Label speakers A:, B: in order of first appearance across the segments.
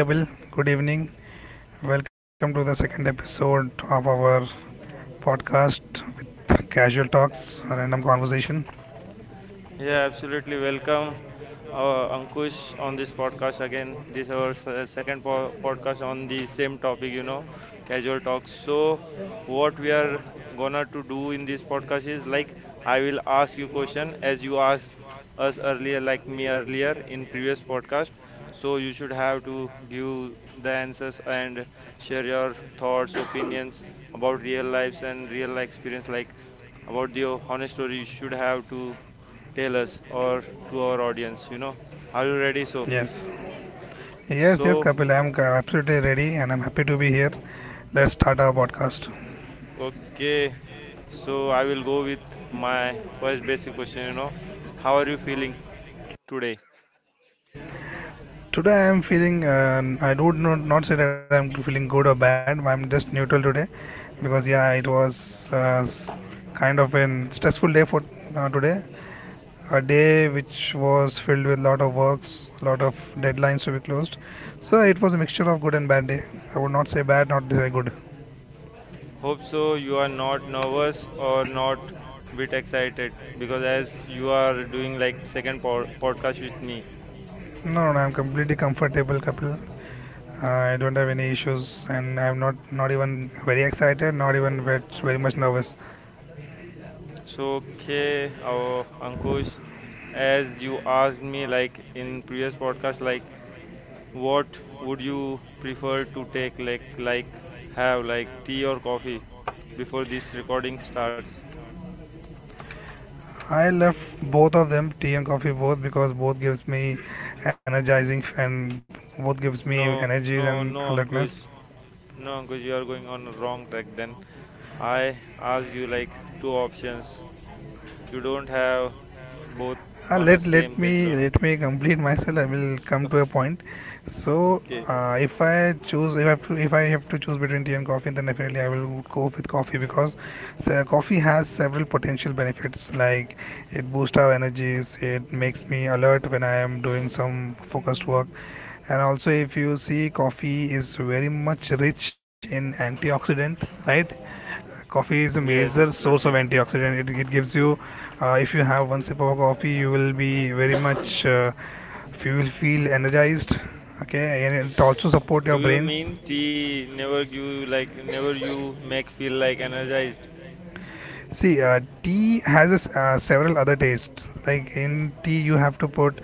A: Hi, Kapil, good evening. Welcome to the second episode of our podcast with casual talks, random conversation.
B: Yeah, absolutely. Welcome, Ankush, on this podcast again. This is our se- second po podcast on the same topic, you know, casual talks. So, what we are gonna to do in this podcast is like I will ask you question as you asked us earlier, like me earlier in previous podcast. So you should have to give the answers and share your thoughts, opinions about real lives and real life experience, like about the honest story. You should have to tell us or to our audience, you know. Are you ready? So,
A: Yes. Yes, yes,
B: so
A: Kapil. Absolutely ready and I'm happy to be here. Let's start our podcast.
B: okay. So I will go with my first basic question, you know. How are you feeling today?
A: Today I'm feeling, I would not say that I'm feeling good or bad. I'm just neutral today because, yeah, it was kind of an stressful day for today. A day which was filled with lot of works, lot of deadlines to be closed. So it was a mixture of good and bad day. I would not say bad, not say good.
B: Hope so you are not nervous or not bit excited because as you are doing like second podcast with me.
A: No, no, no, I'm completely comfortable, Kapil. I don't have any issues, and I'm not even very excited, not even very, very much nervous.
B: So okay, Ankush, as you asked me like in previous podcast, like what would you prefer to take like have like tea or coffee before this recording starts?
A: I love both of them, tea and coffee, both because both gives me energizing and both gives me
B: No,
A: energies
B: no,
A: and
B: no,
A: alertness.
B: Ankush. No, Ankush, you are going on a wrong track then. I ask you like two options. You don't have both
A: Uh,
B: on the
A: let
B: same
A: let
B: page,
A: me
B: Lona.
A: let me complete myself. I will come to a point. So
B: Okay.
A: if I choose if I have to if I have to choose between tea and coffee, then definitely I will go with coffee because coffee has several potential benefits. Like it boosts our energies, it makes me alert when I am doing some focused work, and also if you see, coffee is very much rich in antioxidant, right? Coffee is a
B: Yes,
A: major source of
B: absolutely.
A: antioxidant. It gives you, if you have one sip of coffee, you will be very much, you will feel energized. Okay, and it also support your
B: Do you
A: brains.
B: mean tea never give you like never you make feel like energized?
A: See, tea has several other tastes. Like in tea, you have to put,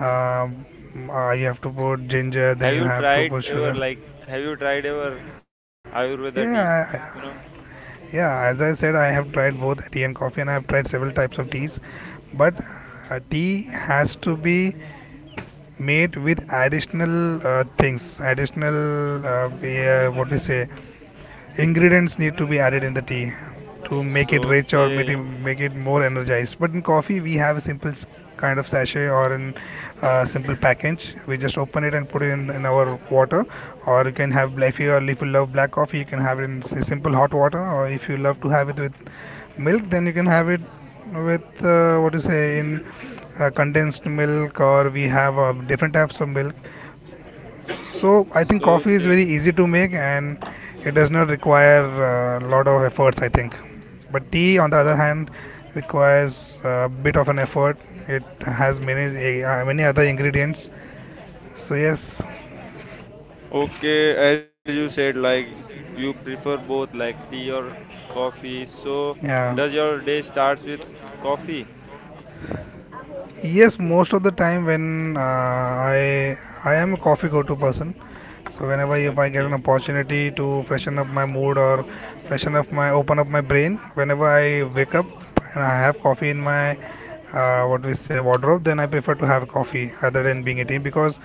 A: um, you have to put ginger, then
B: Have
A: you
B: you
A: have to
B: tried
A: put
B: ever
A: sugar.
B: like have you tried ever Ayurveda tea?
A: Yeah, I- I-
B: You know?
A: yeah. As I said, I have tried both tea and coffee, and I have tried several types of teas. But tea has to be made with additional things additional we, what we say ingredients need to be added in the tea to make
B: So
A: it rich or make
B: okay.
A: it, make it more energized, but in coffee we have a simple kind of sachet or in simple package. We just open it and put it in our water, or you can have if you, or if you love black coffee you can have it in simple hot water, or if you love to have it with milk then you can have it with what to say in condensed milk, or we have different types of milk. So I think
B: So
A: coffee is
B: okay.
A: very easy to make and it does not require a lot of efforts. I think, but tea, on the other
B: Oh,
A: hand, requires a bit of an effort. It has many other ingredients. So yes,
B: okay, as you said, like you prefer both like tea or coffee. So does
A: yeah.
B: your day starts with coffee?
A: Yes, most of the time when I am a coffee go-to person. So whenever if I
B: Okay.
A: get an opportunity to freshen up my mood or freshen up my open up my brain, whenever I wake up and I have coffee in my what we say wardrobe, then I prefer to have coffee rather than being a tea because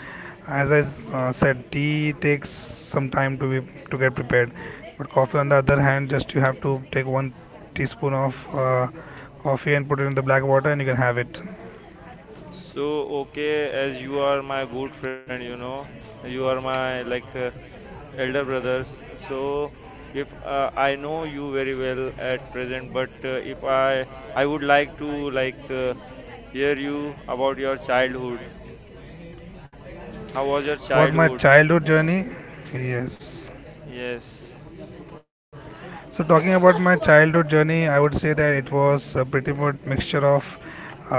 A: said, tea takes some time to be to get prepared. But coffee, on the other hand, just you have to take one teaspoon of coffee and put it in the black water and you can have it.
B: So okay, as you are my good friend, you know, you are my like elder brothers. So if I know you very well at present, but if I would like to like hear you about your childhood. How was your
A: About my
B: childhood?
A: childhood journey, yes.
B: Yes.
A: So talking about my childhood journey, I would say that it was a pretty much mixture of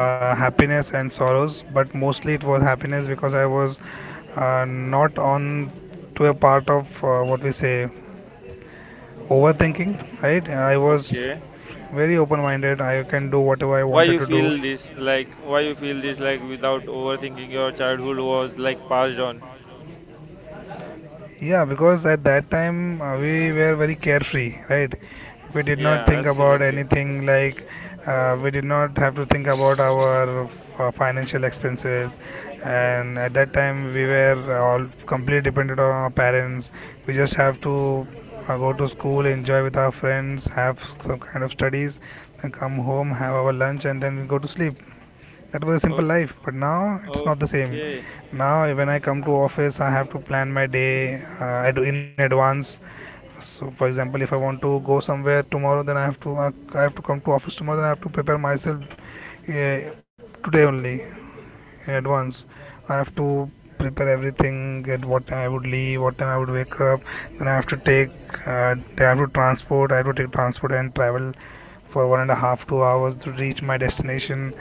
A: happiness and sorrows, but mostly it was happiness because I was not on to a part of what we say overthinking, right? I was
B: Okay.
A: very open-minded. I can do whatever I
B: Why
A: wanted
B: you
A: to do.
B: feel this? Like why you feel this? Like without overthinking, your childhood was like passed on.
A: Yeah, because at that time we were very carefree, right? We did not
B: Yeah,
A: think about
B: absolutely.
A: anything like we did not have to think about our financial expenses, and at that time we were all completely dependent on our parents. We just have to go to school, enjoy with our friends, have some kind of studies, and come home, have our lunch, and then we go to sleep. That was a simple
B: O-
A: life, but now it's not the same.
B: Okay.
A: Now when I come to office I have to plan my day. I do in advance. So for example, if I want to go somewhere tomorrow, then I have to come to office tomorrow, then I have to prepare myself uh, today only in advance. I have to prepare everything: at what time I would leave, what time I would wake up. Then I have to take uh, I have to transport I have to take transport and travel for one and a half 2 hours to reach my destination,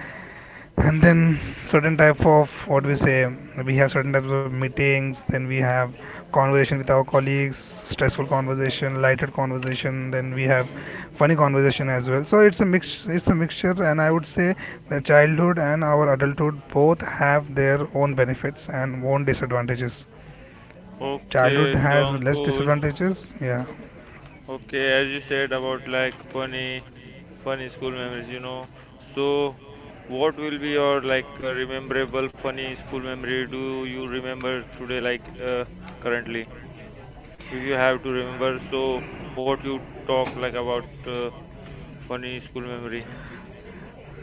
A: and then certain type of what we say we have certain types of meetings, then we have conversation with our colleagues, stressful conversation, lighter conversation, then we have funny conversation as well. So it's a mixture, and I would say that childhood and our adulthood both have their own benefits and own disadvantages. Childhood
B: Okay. So
A: has less
B: Ankush.
A: disadvantages, yeah.
B: Okay, as you said about like funny, funny school memories, you know. So, what will be your like rememberable funny school memory? Do you remember today, like currently? If you have to remember, so what you talk like about funny school memory?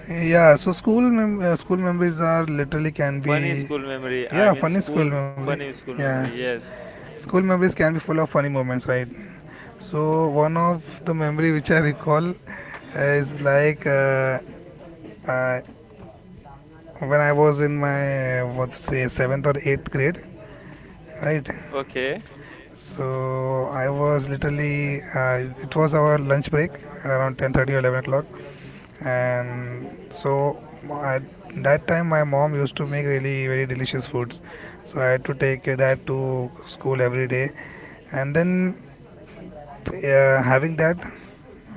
A: Yeah, so school memories are literally can
B: Funny
A: be
B: school memory. I
A: yeah
B: mean
A: funny school
B: school
A: memory
B: funny school memory.
A: yeah.
B: Yes.
A: School memories can be full of funny moments, right? So one of the memory which I recall is like uh, when I was in my what to say seventh or eighth grade, right?
B: Okay.
A: So I was literally it was our lunch break at around 10:30 or 11 o'clock, and so at that time my mom used to make really very delicious foods. So I had to take that to school every day, and then having that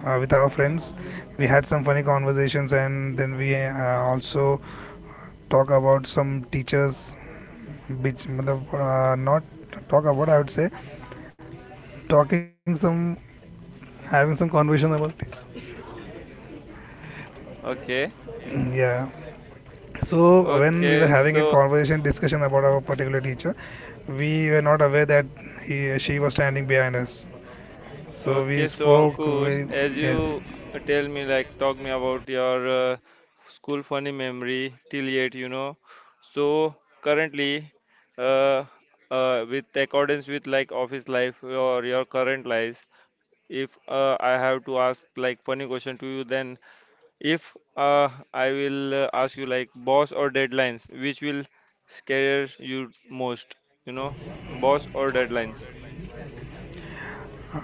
A: with our friends. We had some funny conversations, and then we also talk about some teachers, which matlab, not talk about. I would say talking some, having some conversation about teach-
B: Okay.
A: Yeah. So when we
B: Okay.
A: were having a
B: So.
A: conversation discussion about our particular teacher, we were not aware that he she was standing behind us. So we
B: Okay, so
A: spoke.
B: Ankush,
A: We,
B: as
A: yes.
B: you tell me, like, talk me about your school funny memory till yet, you know. So currently, uh, with accordance with like office life or your current life, if I have to ask like funny question to you, then if I will ask you like boss or deadlines, which will scare you most, you know, boss or deadlines?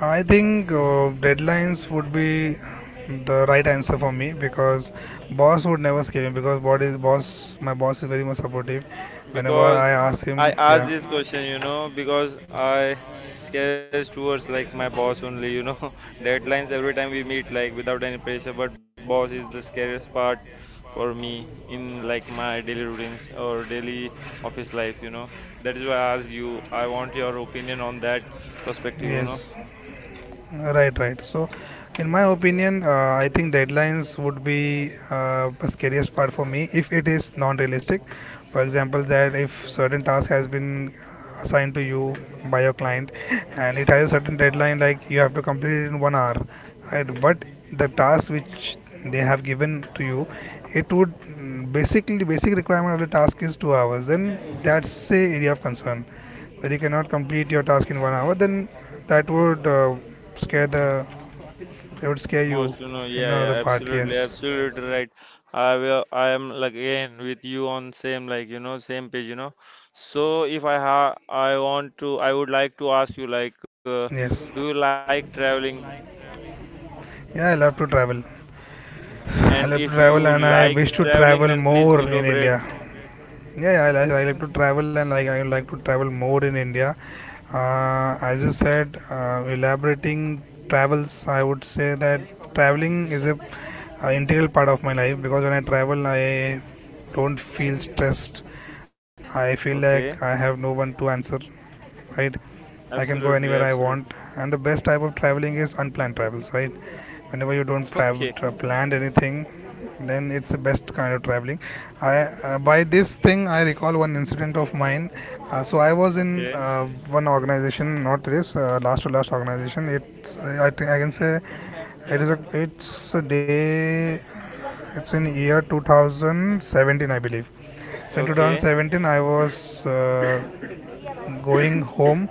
A: I think deadlines would be the right answer for me because boss would never skip him because what is boss. My boss is very much supportive. Whenever I
B: Because
A: ask him,
B: I asked
A: yeah,
B: this question, you know, because I scares towards like my boss only, you know, deadlines every time we meet, like without any pressure. But boss is the scariest part for me in like my daily routines or daily office life, you know. That is why I ask you. I want your opinion on that perspective, you
A: yes.
B: know.
A: Right, right. So, in my opinion, I think deadlines would be the scariest part for me if it is non-realistic. For example, that if certain task has been assigned to you by your client and it has a certain deadline, like you have to complete it in 1 hour, right? But the task which they have given to you, it would basically basic requirement of the task is 2 hours. Then that's a area of concern that you cannot complete your task in 1 hour. Then that would scare the it would scare you
B: Most, you know,
A: in
B: yeah,
A: another
B: yeah,
A: part
B: absolutely,
A: yes.
B: absolutely right. I am like again with you on same like you know same page, you know. So if I ha, I want to, I would like to ask you like, do you
A: Yes,
B: like traveling?
A: yeah, I love to travel.
B: And if
A: I love
B: you
A: to travel
B: like
A: and I wish to
B: traveling, then
A: travel
B: please
A: more
B: elaborate.
A: in India. Yeah, yeah, I like to travel and like I like to travel more in India. As you said, elaborating travels, I would say that traveling is a, integral part of my life because when I travel, I don't feel stressed. I feel like
B: Okay,
A: I have no one to answer. Right, I can go
B: absolutely,
A: anywhere I
B: absolutely.
A: want, and the best type of traveling is unplanned travels. Right, whenever you don't
B: Okay,
A: travel planned anything then it's the best kind of traveling. I by this thing I recall one incident of mine. So I was in
B: okay,
A: uh, one organization, not this last to last organization. It's I think I can say it is a it's a day it's in year 2017 I believe. So in
B: okay,
A: 2017 I was going home.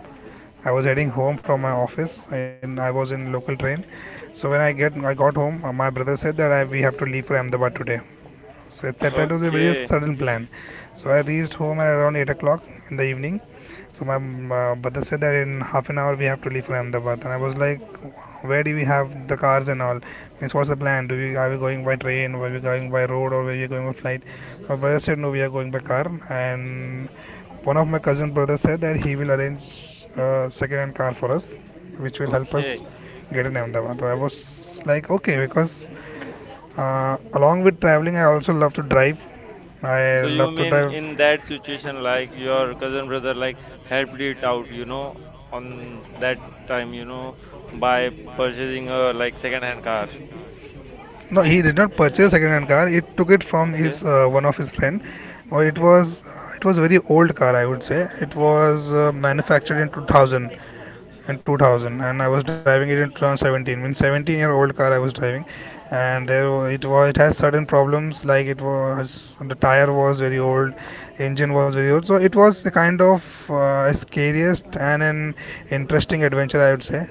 A: I was heading home from my office, and I was in local train. So when I got home, my brother said that I, we have to leave for Ahmedabad today. So at that was a
B: okay,
A: very sudden plan. So I reached home at around 8 o'clock in the evening. So my brother said that in half an hour we have to leave for Ahmedabad, and I was like, where do we have the cars and all? Means what's the plan? Do we are we going by train? Or are we going by road? Or are we going by flight? So my brother said no, we are going by car, and one of my cousin brother said that he will arrange a second-hand car for us, which will help
B: okay.
A: us get in Ahmedabad. So I was like, okay, because along with traveling, I also love to drive. I
B: So you
A: love to
B: mean
A: drive.
B: in that situation, like your cousin brother, like helped it out, you know, on that time, you know, by purchasing a like second-hand car.
A: No, he did not purchase second-hand car. He took it from
B: Okay.
A: his one of his friend. Well, it was a very old car, I would say. It was manufactured in 2000, and I was driving it in 2017. Means 17-year-old car I was driving, and there it has certain problems, like it was the tire was very old, engine was very old. So it was the kind of scariest and an interesting adventure, I would say.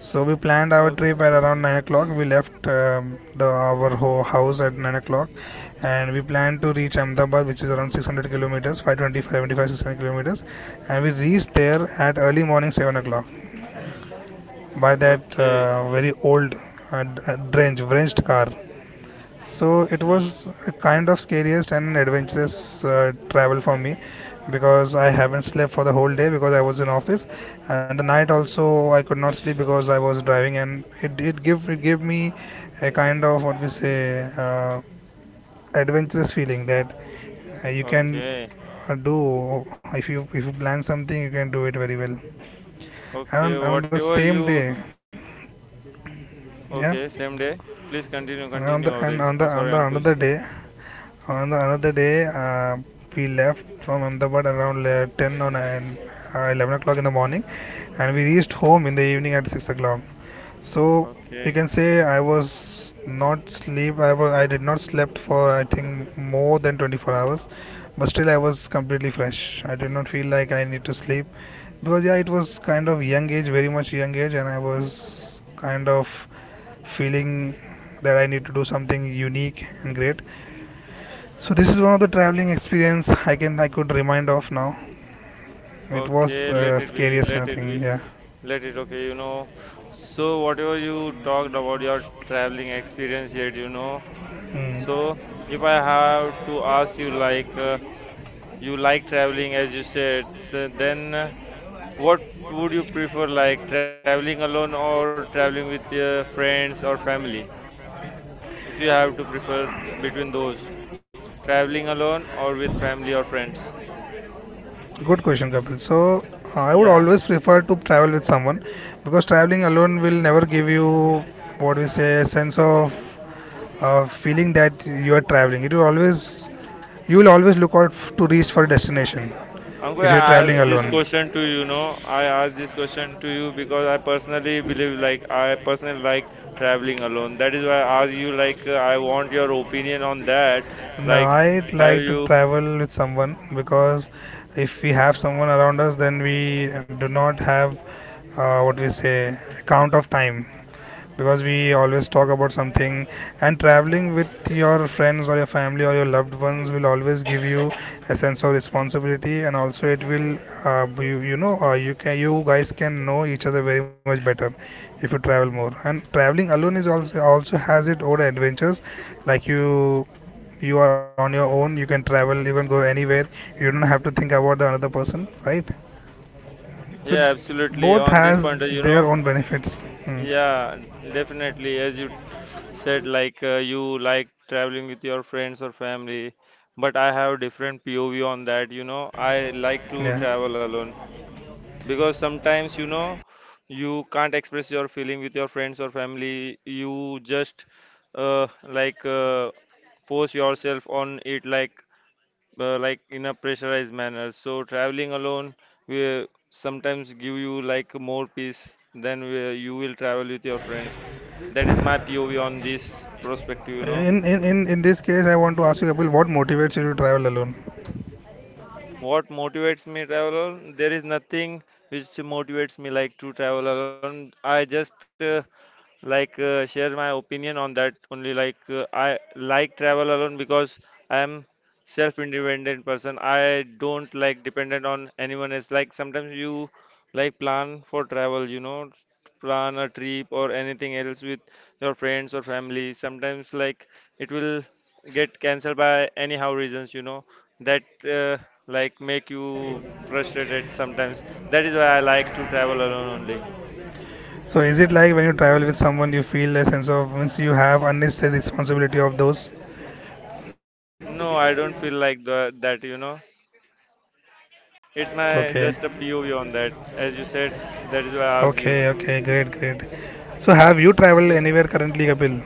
A: So we planned our trip at
B: Okay.
A: around 9 o'clock. We left the our house at 9 o'clock, and we planned to reach Ahmedabad, which is around 600 kilometers, 520, 600 kilometers, and we reached there at early morning 7 o'clock by that
B: Okay.
A: very old, drenched car. So it
B: Hmm.
A: was a kind of scariest and adventurous travel for me, because I haven't slept for the whole day because I was in office, and the night also I could not sleep because I was driving, and it gave me a kind of, what we say, adventurous feeling that you can
B: Okay.
A: do, if you plan something, you can do it very well,
B: Okay.
A: and on the
B: Whatever
A: same
B: you.
A: day.
B: Okay.
A: Yeah.
B: Same day. Please continue.
A: and
B: Continue all
A: on the
B: this.
A: and
B: Oh,
A: on the
B: sorry,
A: on the
B: Ankush.
A: another day. On the another day, we left from Ahmedabad around 10 or 9, 11 o'clock in the morning, and we reached home in the evening at 6 o'clock. So you
B: Okay.
A: can say I was not sleep. I did not slept for, I think, more than 24 hours, but still I was completely fresh. I did not feel like I need to sleep because, yeah, it was kind of young age, very much young age, and I was kind of feeling that I need to do something unique and great. So this is one of the traveling experience I could remind of now. It was
B: Okay. Let it be.
A: scariest kind
B: Let
A: of
B: it be.
A: thing. Yeah.
B: Let it. Okay. You know. So whatever you talked about your traveling experience yet, you know.
A: Mm.
B: So, if I have to ask you like traveling as you said, so then what would you prefer, like traveling alone or traveling with your friends or family? If you have to prefer between those, traveling alone or with family or friends?
A: Good question, Kapil. So I would
B: Yeah.
A: always prefer to travel with someone, because traveling alone will never give you, what we say, sense of feeling that you are traveling. It will always You will always look out to reach for a destination
B: I'm going
A: if
B: to
A: you're traveling
B: ask this
A: alone.
B: question to you, know, I ask this question to you because I personally believe, like, I personally like traveling alone. That is why I ask you, like, I want your opinion on that.
A: No,
B: Like,
A: I
B: have
A: like to
B: you?
A: travel with someone because, if we have someone around us, then we do not have, what we say, account of time, because we always talk about something, and traveling with your friends or your family or your loved ones will always give you a sense of responsibility, and also it will, you guys can know each other very much better if you travel more. And traveling alone is also also has its own adventures, like you are on your own, you can travel, you can go anywhere, you don't have to think about the another person, right? So
B: Yeah, absolutely.
A: both
B: On this
A: has
B: point, you
A: their
B: know,
A: own benefits. Hmm.
B: yeah, definitely. As you said, like, you like traveling with your friends or family, but I have different POV on that. You know, I like to
A: Yeah.
B: travel alone. Because sometimes, you know, you can't express your feeling with your friends or family. You just like force yourself on it, like in a pressurized manner. So traveling alone will sometimes give you like more peace than where you will travel with your friends. That is my POV on this perspective, you know.
A: In this case, I want to ask you, Kapil, what motivates you to travel alone?
B: What motivates me travel alone? There is nothing which motivates me like to travel alone. I just like share my opinion on that only. Like I like travel alone because I am self independent person. I don't like dependent on anyone else. Like sometimes you like plan for travel, you know, plan a trip or anything else with your friends or family. Sometimes like it will get cancelled by anyhow reasons, you know, that like make you frustrated sometimes. That is why I like to travel alone only.
A: So, is it like when you travel with someone, you feel a sense of, means you have unnecessary responsibility of those?
B: No, I don't feel like that, you know. It's my
A: Okay,
B: just a POV on that. As you said, that is why I asked
A: okay,
B: you.
A: okay, great, great. So, have you traveled
B: So,
A: anywhere currently, Kapil?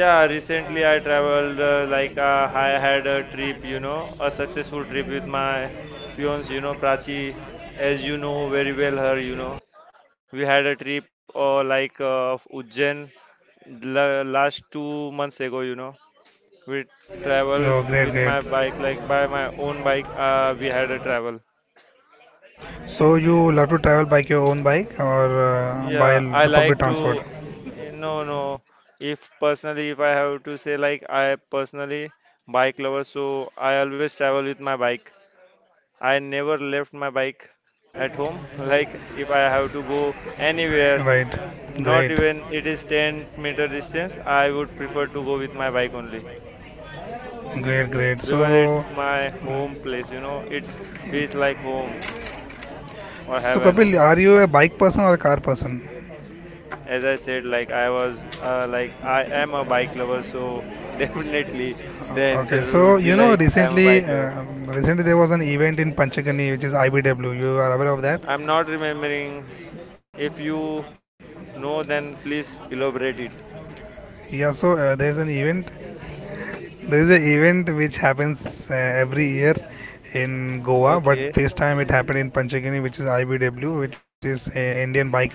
B: yeah, recently I traveled, like I had a trip, you know, a successful trip with my fiance, you know, Prachi, as you know very well her, you know. We had a trip like of Ujjain last 2 months ago, you know. We traveled
A: Oh, great,
B: with
A: great.
B: my bike, like by my own bike, we had a travel.
A: So, you love to travel by your own bike or by
B: Yeah, I
A: the public
B: like
A: transport?
B: to. No, no. If personally, if I have to say, like, I personally bike lover, so I always travel with my bike. I never left my bike at home. Like, if I have to go anywhere,
A: Right,
B: not
A: great,
B: even it is 10-meter distance, I would prefer to go with my bike only
A: great, great.
B: because
A: So,
B: it's my home place, you know, it's feels like home or heaven.
A: Kapil, are you a bike person or a car person?
B: As I said, like like I am a bike lover, so definitely the answer
A: Okay, so
B: would be like I am a
A: recently,
B: bike lover.
A: recently there was an event in Panchagani, which is IBW. You are aware of that?
B: I'm not remembering. If you know, then please elaborate it.
A: Yeah. So there is an event. There is an event which happens every year in Goa,
B: Okay,
A: but this time it happened in Panchagani, which is IBW, which is, Indian Bike Week.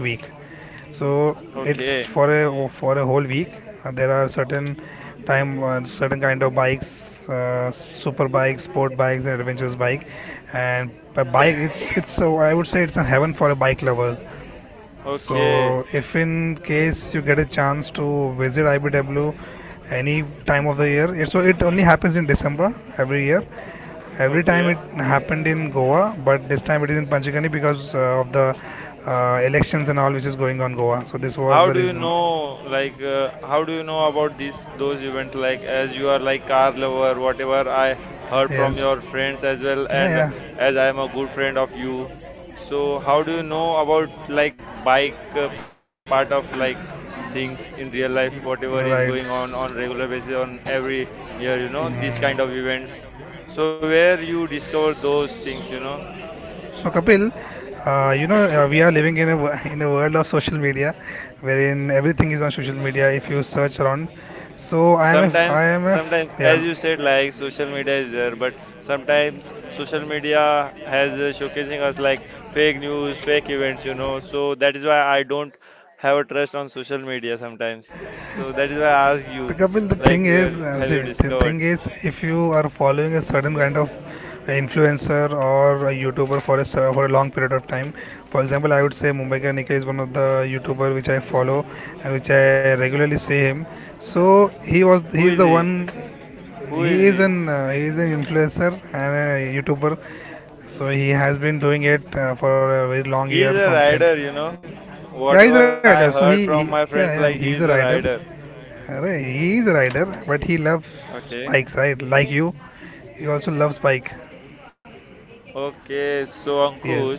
A: So
B: okay,
A: it's for a whole week. There are certain kind of bikes, super bikes, sport bikes, and adventurous bike. And by bike, it's, so I would say, it's a heaven for a bike lover.
B: okay,
A: So if in case you get a chance to visit IBW any time of the year, so it only happens in December every year. Every time it
B: okay.
A: happened in Goa, but this time it is in Panchgani because of the elections and all which is going on Goa. So this was the reason.
B: How do you know about these those events? Like, as you are like car lover, whatever I heard from
A: Yes.
B: your friends as well, and
A: Yeah,
B: as I am a good friend of you, so how do you know about like bike part of like things in real life,
A: yeah.
B: whatever is
A: Right.
B: going on
A: So
B: regular basis on every year, you know, these kind of events. So where you discover those things, you know?
A: Kapil, we are living in a in a world of social media, wherein everything is on social media. If you search around, so I
B: Sometimes,
A: am a f-
B: sometimes,
A: yeah.
B: as you said, like social media is there, but sometimes social media has showcasing us like fake news, fake events, you know. So that is why I don't have a trust on social media sometimes. So that is why I ask you,
A: Kapil, the
B: like,
A: thing is,
B: where have
A: see,
B: you
A: the
B: discovered?
A: thing is, if you are following a certain kind of influencer or a YouTuber for a for a long period of time, for example, I would say Mumbai Ka Nikhil is one of the YouTuber which I follow and which I regularly see him. So he
B: Who
A: is
B: is
A: the
B: he?
A: one.
B: Who is he?
A: He is an influencer and a YouTuber. So he has been doing it for a very long
B: He
A: year
B: is a
A: from ten.
B: rider, you know.
A: Yeah, he's a
B: Whatever I
A: rider. So
B: heard
A: he,
B: from my
A: yeah,
B: friends,
A: yeah,
B: like he
A: he's
B: is
A: a
B: a
A: rider.
B: rider.
A: Arey, he is a rider, but he loves
B: Okay.
A: bikes, right? Like you, he also loves bike.
B: Okay, so
A: Yes,
B: Ankush,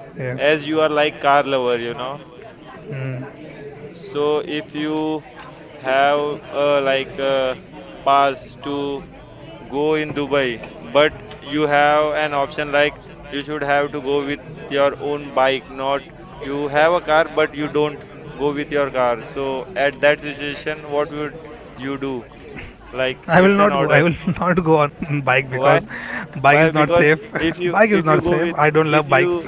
A: yes.
B: as you are like car lover, you know,
A: Mm.
B: so if you have like a pass to go in Dubai, but you have an option like you should have to go with your own bike, not you have a car but you don't go with your car. So at that situation, what would you do? Like
A: I will
B: it's an
A: not go. I
B: order.
A: will not go on bike
B: Why?
A: because bike
B: Why?
A: is not
B: Because
A: safe.
B: if you
A: Bike is
B: if you
A: not
B: go
A: safe.
B: with
A: I don't love
B: if you
A: bikes.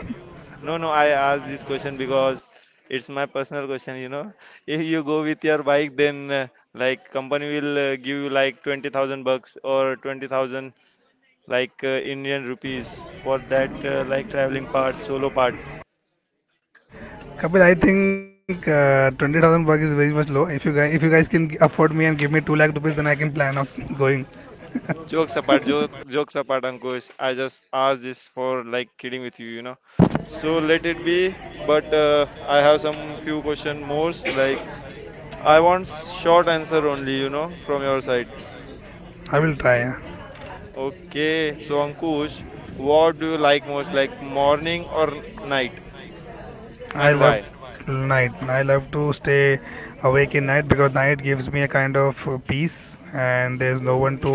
B: no, no, I asked this question because it's my personal question, you know. If you go with your bike, then like company will give you like 20,000 bucks or 20,000 like Indian rupees for that like traveling part, solo part.
A: Kapil, I think 20,000 bucks is very much low. If you guys can afford me and give me 2 lakh rupees, then I can plan on going.
B: Jokes apart, jokes apart, Ankush. I just asked this for like kidding with you, you know. So let it be, but I have some few question more like I want short answer only, you know, from your side.
A: I will try. Yeah.
B: Okay, so Ankush, what do you like most, like morning or night,
A: I
B: and
A: love
B: why?
A: night. I love to stay awake in night because night gives me a kind of peace, and there's no one to,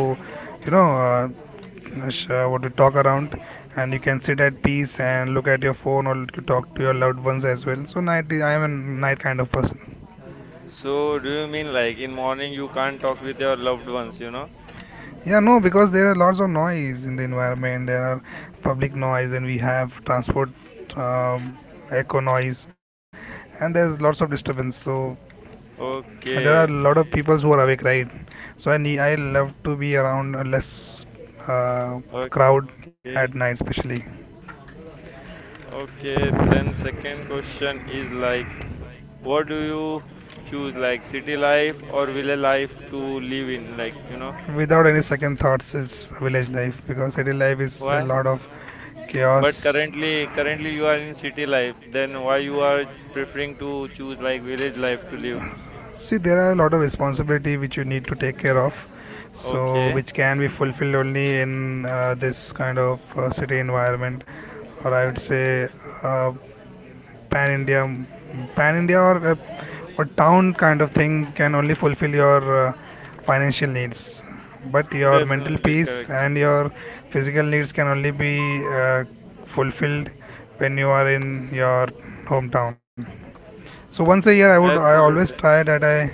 A: you know, what to talk around, and you can sit at peace and look at your phone, or to talk to your loved ones as well. So night, I am a night kind of person.
B: So, do you mean like in morning you can't talk with your loved ones, you know?
A: Yeah, no, because there are lots of noise in the environment. There are public noise, and we have transport, um, echo noise, and there's lots of disturbance. So, and there are
B: Okay,
A: a lot of people who are awake, right? So I love to be around a less uh, crowd
B: okay,
A: at night, especially.
B: okay. Then second question is like, what do you choose, like city life or villa life to live in, like you know?
A: Without any second thoughts, it's village life, because city life is a
B: Why?
A: lot of
B: But
A: chaos.
B: currently you are in city life. Then why you are preferring to choose like village life to live?
A: See, there are a lot of responsibility which you need to take care of, so
B: Okay.
A: which can be fulfilled only in, this kind of city environment, or I would say, uh, pan India, pan India, or town kind of thing, can only fulfill your financial needs. But your mental
B: Definitely
A: peace
B: correct.
A: and your physical needs can only be uh, fulfilled when you are in your hometown. So once a year, I
B: Absolutely.
A: always try that I,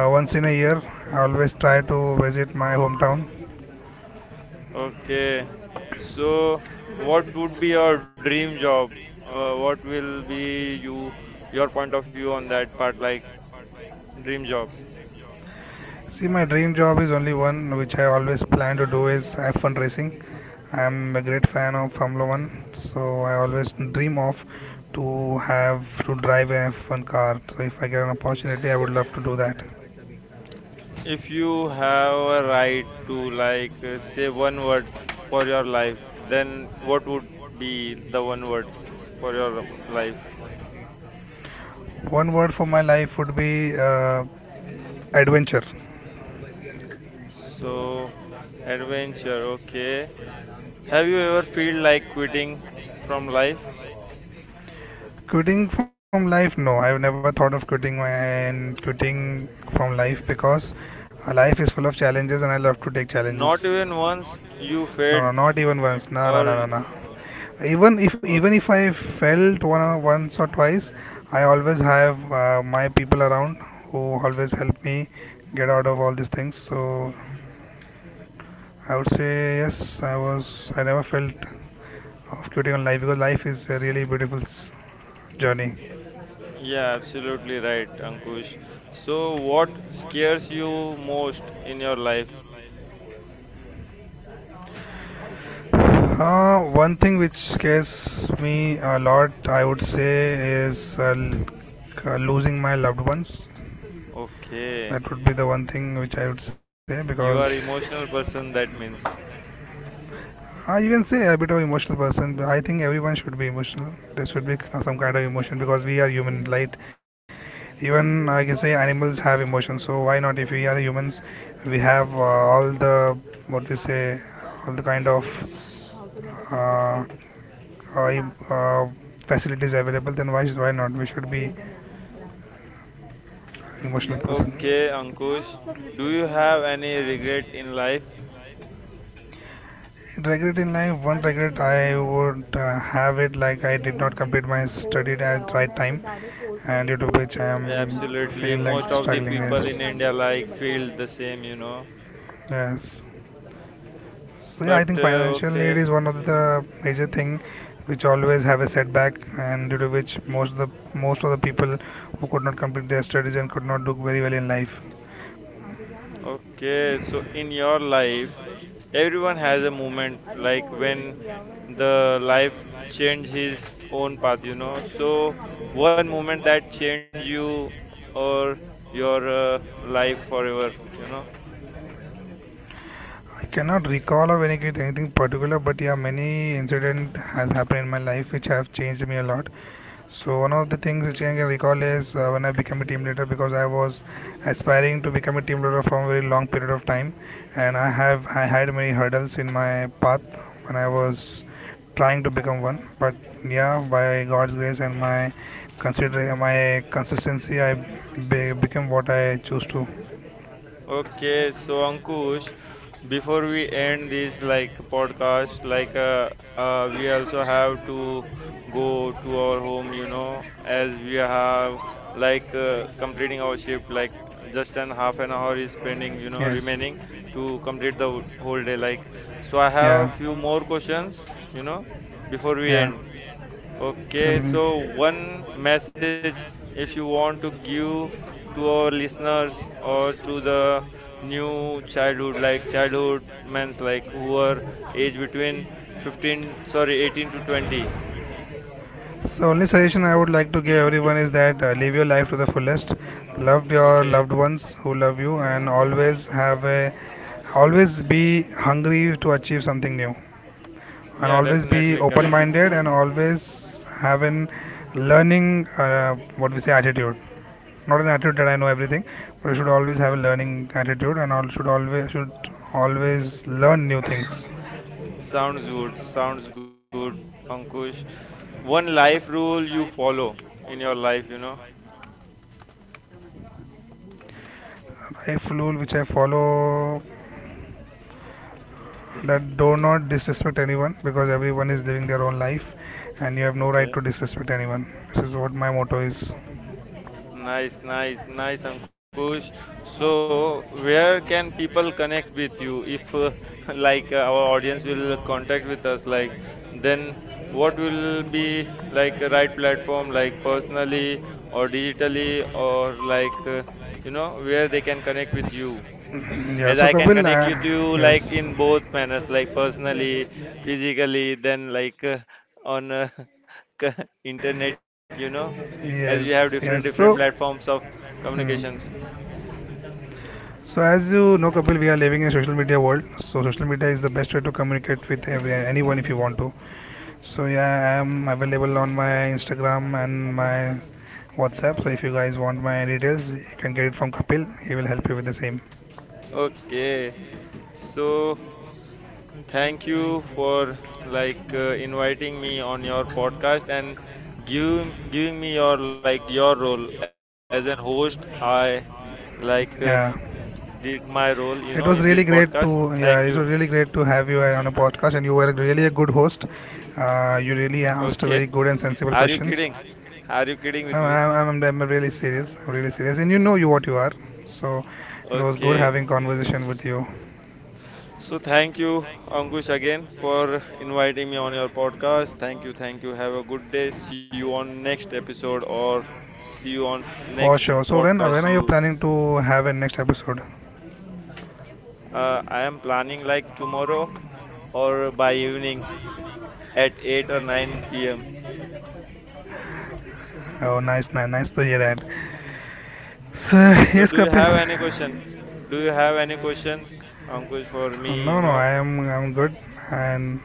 A: once in a year, I always try to visit my hometown.
B: Okay. So, what would be your dream job? What will be your point of view on that part, like dream job?
A: See, my dream job is only one which I always plan to do is F1 fundraising. I am a great fan of Formula One, so I always dream of to have to drive a F1 car. So if I get an opportunity, I would love to do that.
B: If you have a right to like say one word for your life, then what would be the one word for your life?
A: One word for my life would be adventure.
B: So, adventure. Okay. Have you ever feel like quitting from life?
A: Quitting from life? No, I've never thought of quitting from life, because life is full of challenges, and I love to take
B: Not
A: challenges.
B: even once you
A: No, no,
B: failed.
A: not even once. No, no, no,
B: Or,
A: no, no. even if
B: or,
A: even if I felt one or once or twice, I always have my people around who always help me get out of all these things. So I would say yes, I never felt of quitting on life because life is a really beautiful journey.
B: yeah, absolutely right, Ankush. So, what scares you most in your life?
A: One thing which scares me a lot, I would say, is losing my loved ones.
B: Okay,
A: That would be the one thing which I would say,
B: you are
A: because
B: emotional person, that means.
A: You can say a bit of emotional person. I think everyone should be emotional. There should be some kind of emotion because we are human, right? Even I can say animals have emotions. So why not? If we are humans, we have, all the what we say, all the kind of uh, uh, uh, facilities available. Then why not? We should be emotional person.
B: Okay, Ankush, do you have any regret in life?
A: Regret in life? One regret I would, have it, like I did not complete my study at right time, and due to which I am
B: Absolutely,
A: feeling like
B: most of the
A: struggling.
B: people in India
A: Yes,
B: like feel the same, you know.
A: yes. So yeah,
B: But
A: I think financial need
B: okay,
A: is one of the major thing which always have a setback, and due to which most of the people who could not complete their studies and could not do very well in life.
B: okay, so in your life, everyone has a moment like when the life changed his own path, you know. So one moment that changed you or your life forever, you know.
A: I cannot recall of anything particular, but yeah, many incident has happened in my life which have changed me a lot. So one of the things which I can recall is when I became a team leader, because I was aspiring to become a team leader from a very long period of time, and I had many hurdles in my path when I was trying to become one. But yeah, by God's grace and my considering my consistency, I became what I choose to.
B: Okay, so Ankush, before we end this like podcast, like we also have to go to our home, you know, as we have like completing our shift, like just an half an hour is spending, you know,
A: Yes.
B: remaining to complete the whole day. Like, so I have
A: Yeah.
B: few more questions, you know, before we
A: Yeah.
B: end.
A: Tell
B: Okay, so
A: me.
B: one message if you want to give to our listeners or to the new childhood, like childhood men's like who are age between 15, sorry, 18 to 20.
A: So only suggestion I would like to give everyone is that, live your life to the fullest. Love your loved
B: Okay,
A: ones who love you, and always be hungry to achieve something new, and
B: yeah,
A: always be
B: definitely correct.
A: open-minded, and always have an learning, what we say, attitude. Not an attitude that I know everything, but you should always have a learning attitude, and all should always learn new things.
B: Sounds good, Ankush. One life rule you follow in your life, you know.
A: Life rule which I follow that do not disrespect anyone, because everyone is living their own life, and you have no right to
B: Okay.
A: disrespect anyone. This is what my motto is.
B: Nice, nice, nice, Ankush. So, where can people connect with you if, like, our audience will contact with us? Like, then what will be like a right platform, like personally or digitally, or like, you know, where they can connect with you?
A: Yeah,
B: As
A: so
B: I can
A: Kapil,
B: connect you to you, like,
A: yes,
B: in both manners, like personally, physically, then like on. Internet, you know, as we have
A: yes, yes.
B: different
A: So,
B: platforms of
A: hmm.
B: communications.
A: So, as you know, Kapil, we are living in a social media world, so social media is the best way to communicate with anyone, if you want to. So yeah, I am available on my Instagram and my WhatsApp, so if you guys want my details, you can get it from Kapil. He will help you with the same.
B: Okay, so thank you for like inviting me on your podcast and giving me your like your role as an host. I like
A: Yeah.
B: did my role, you
A: It
B: know,
A: was
B: in this
A: really great to
B: podcast.
A: Yeah,
B: Thank
A: it
B: you.
A: was really great to have you on a podcast, and you were really a good host. You really asked
B: Okay,
A: very good and sensible
B: are you
A: questions.
B: kidding? Are you kidding with
A: I'm,
B: me?
A: I'm, I'm, I'm really serious. I'm really serious, and you know you what you are. So it was good
B: Okay.
A: having conversation with you
B: So thank you, Ankush, again for inviting me on your podcast. Thank you, thank you. Have a good day. See you on next episode or see you on
A: for
B: next
A: sure. So when,
B: podcast.
A: when are you planning to have a next episode?
B: I am planning like tomorrow or by evening at 8 or 9 p.m.
A: Oh, nice, nice, nice to hear that. So
B: So
A: yes,
B: do you
A: Kapil.
B: have any question? Do you have any questions, Ankush, for me?
A: No,
B: You
A: no,
B: know?
A: I'm good, and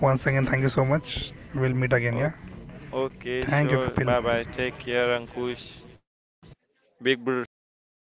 A: once again, thank you so much. We'll meet again.
B: O-
A: Yeah,
B: Okay,
A: thank you,
B: sure.
A: Kapil.
B: Bye bye. Take care, Ankush. Big brother.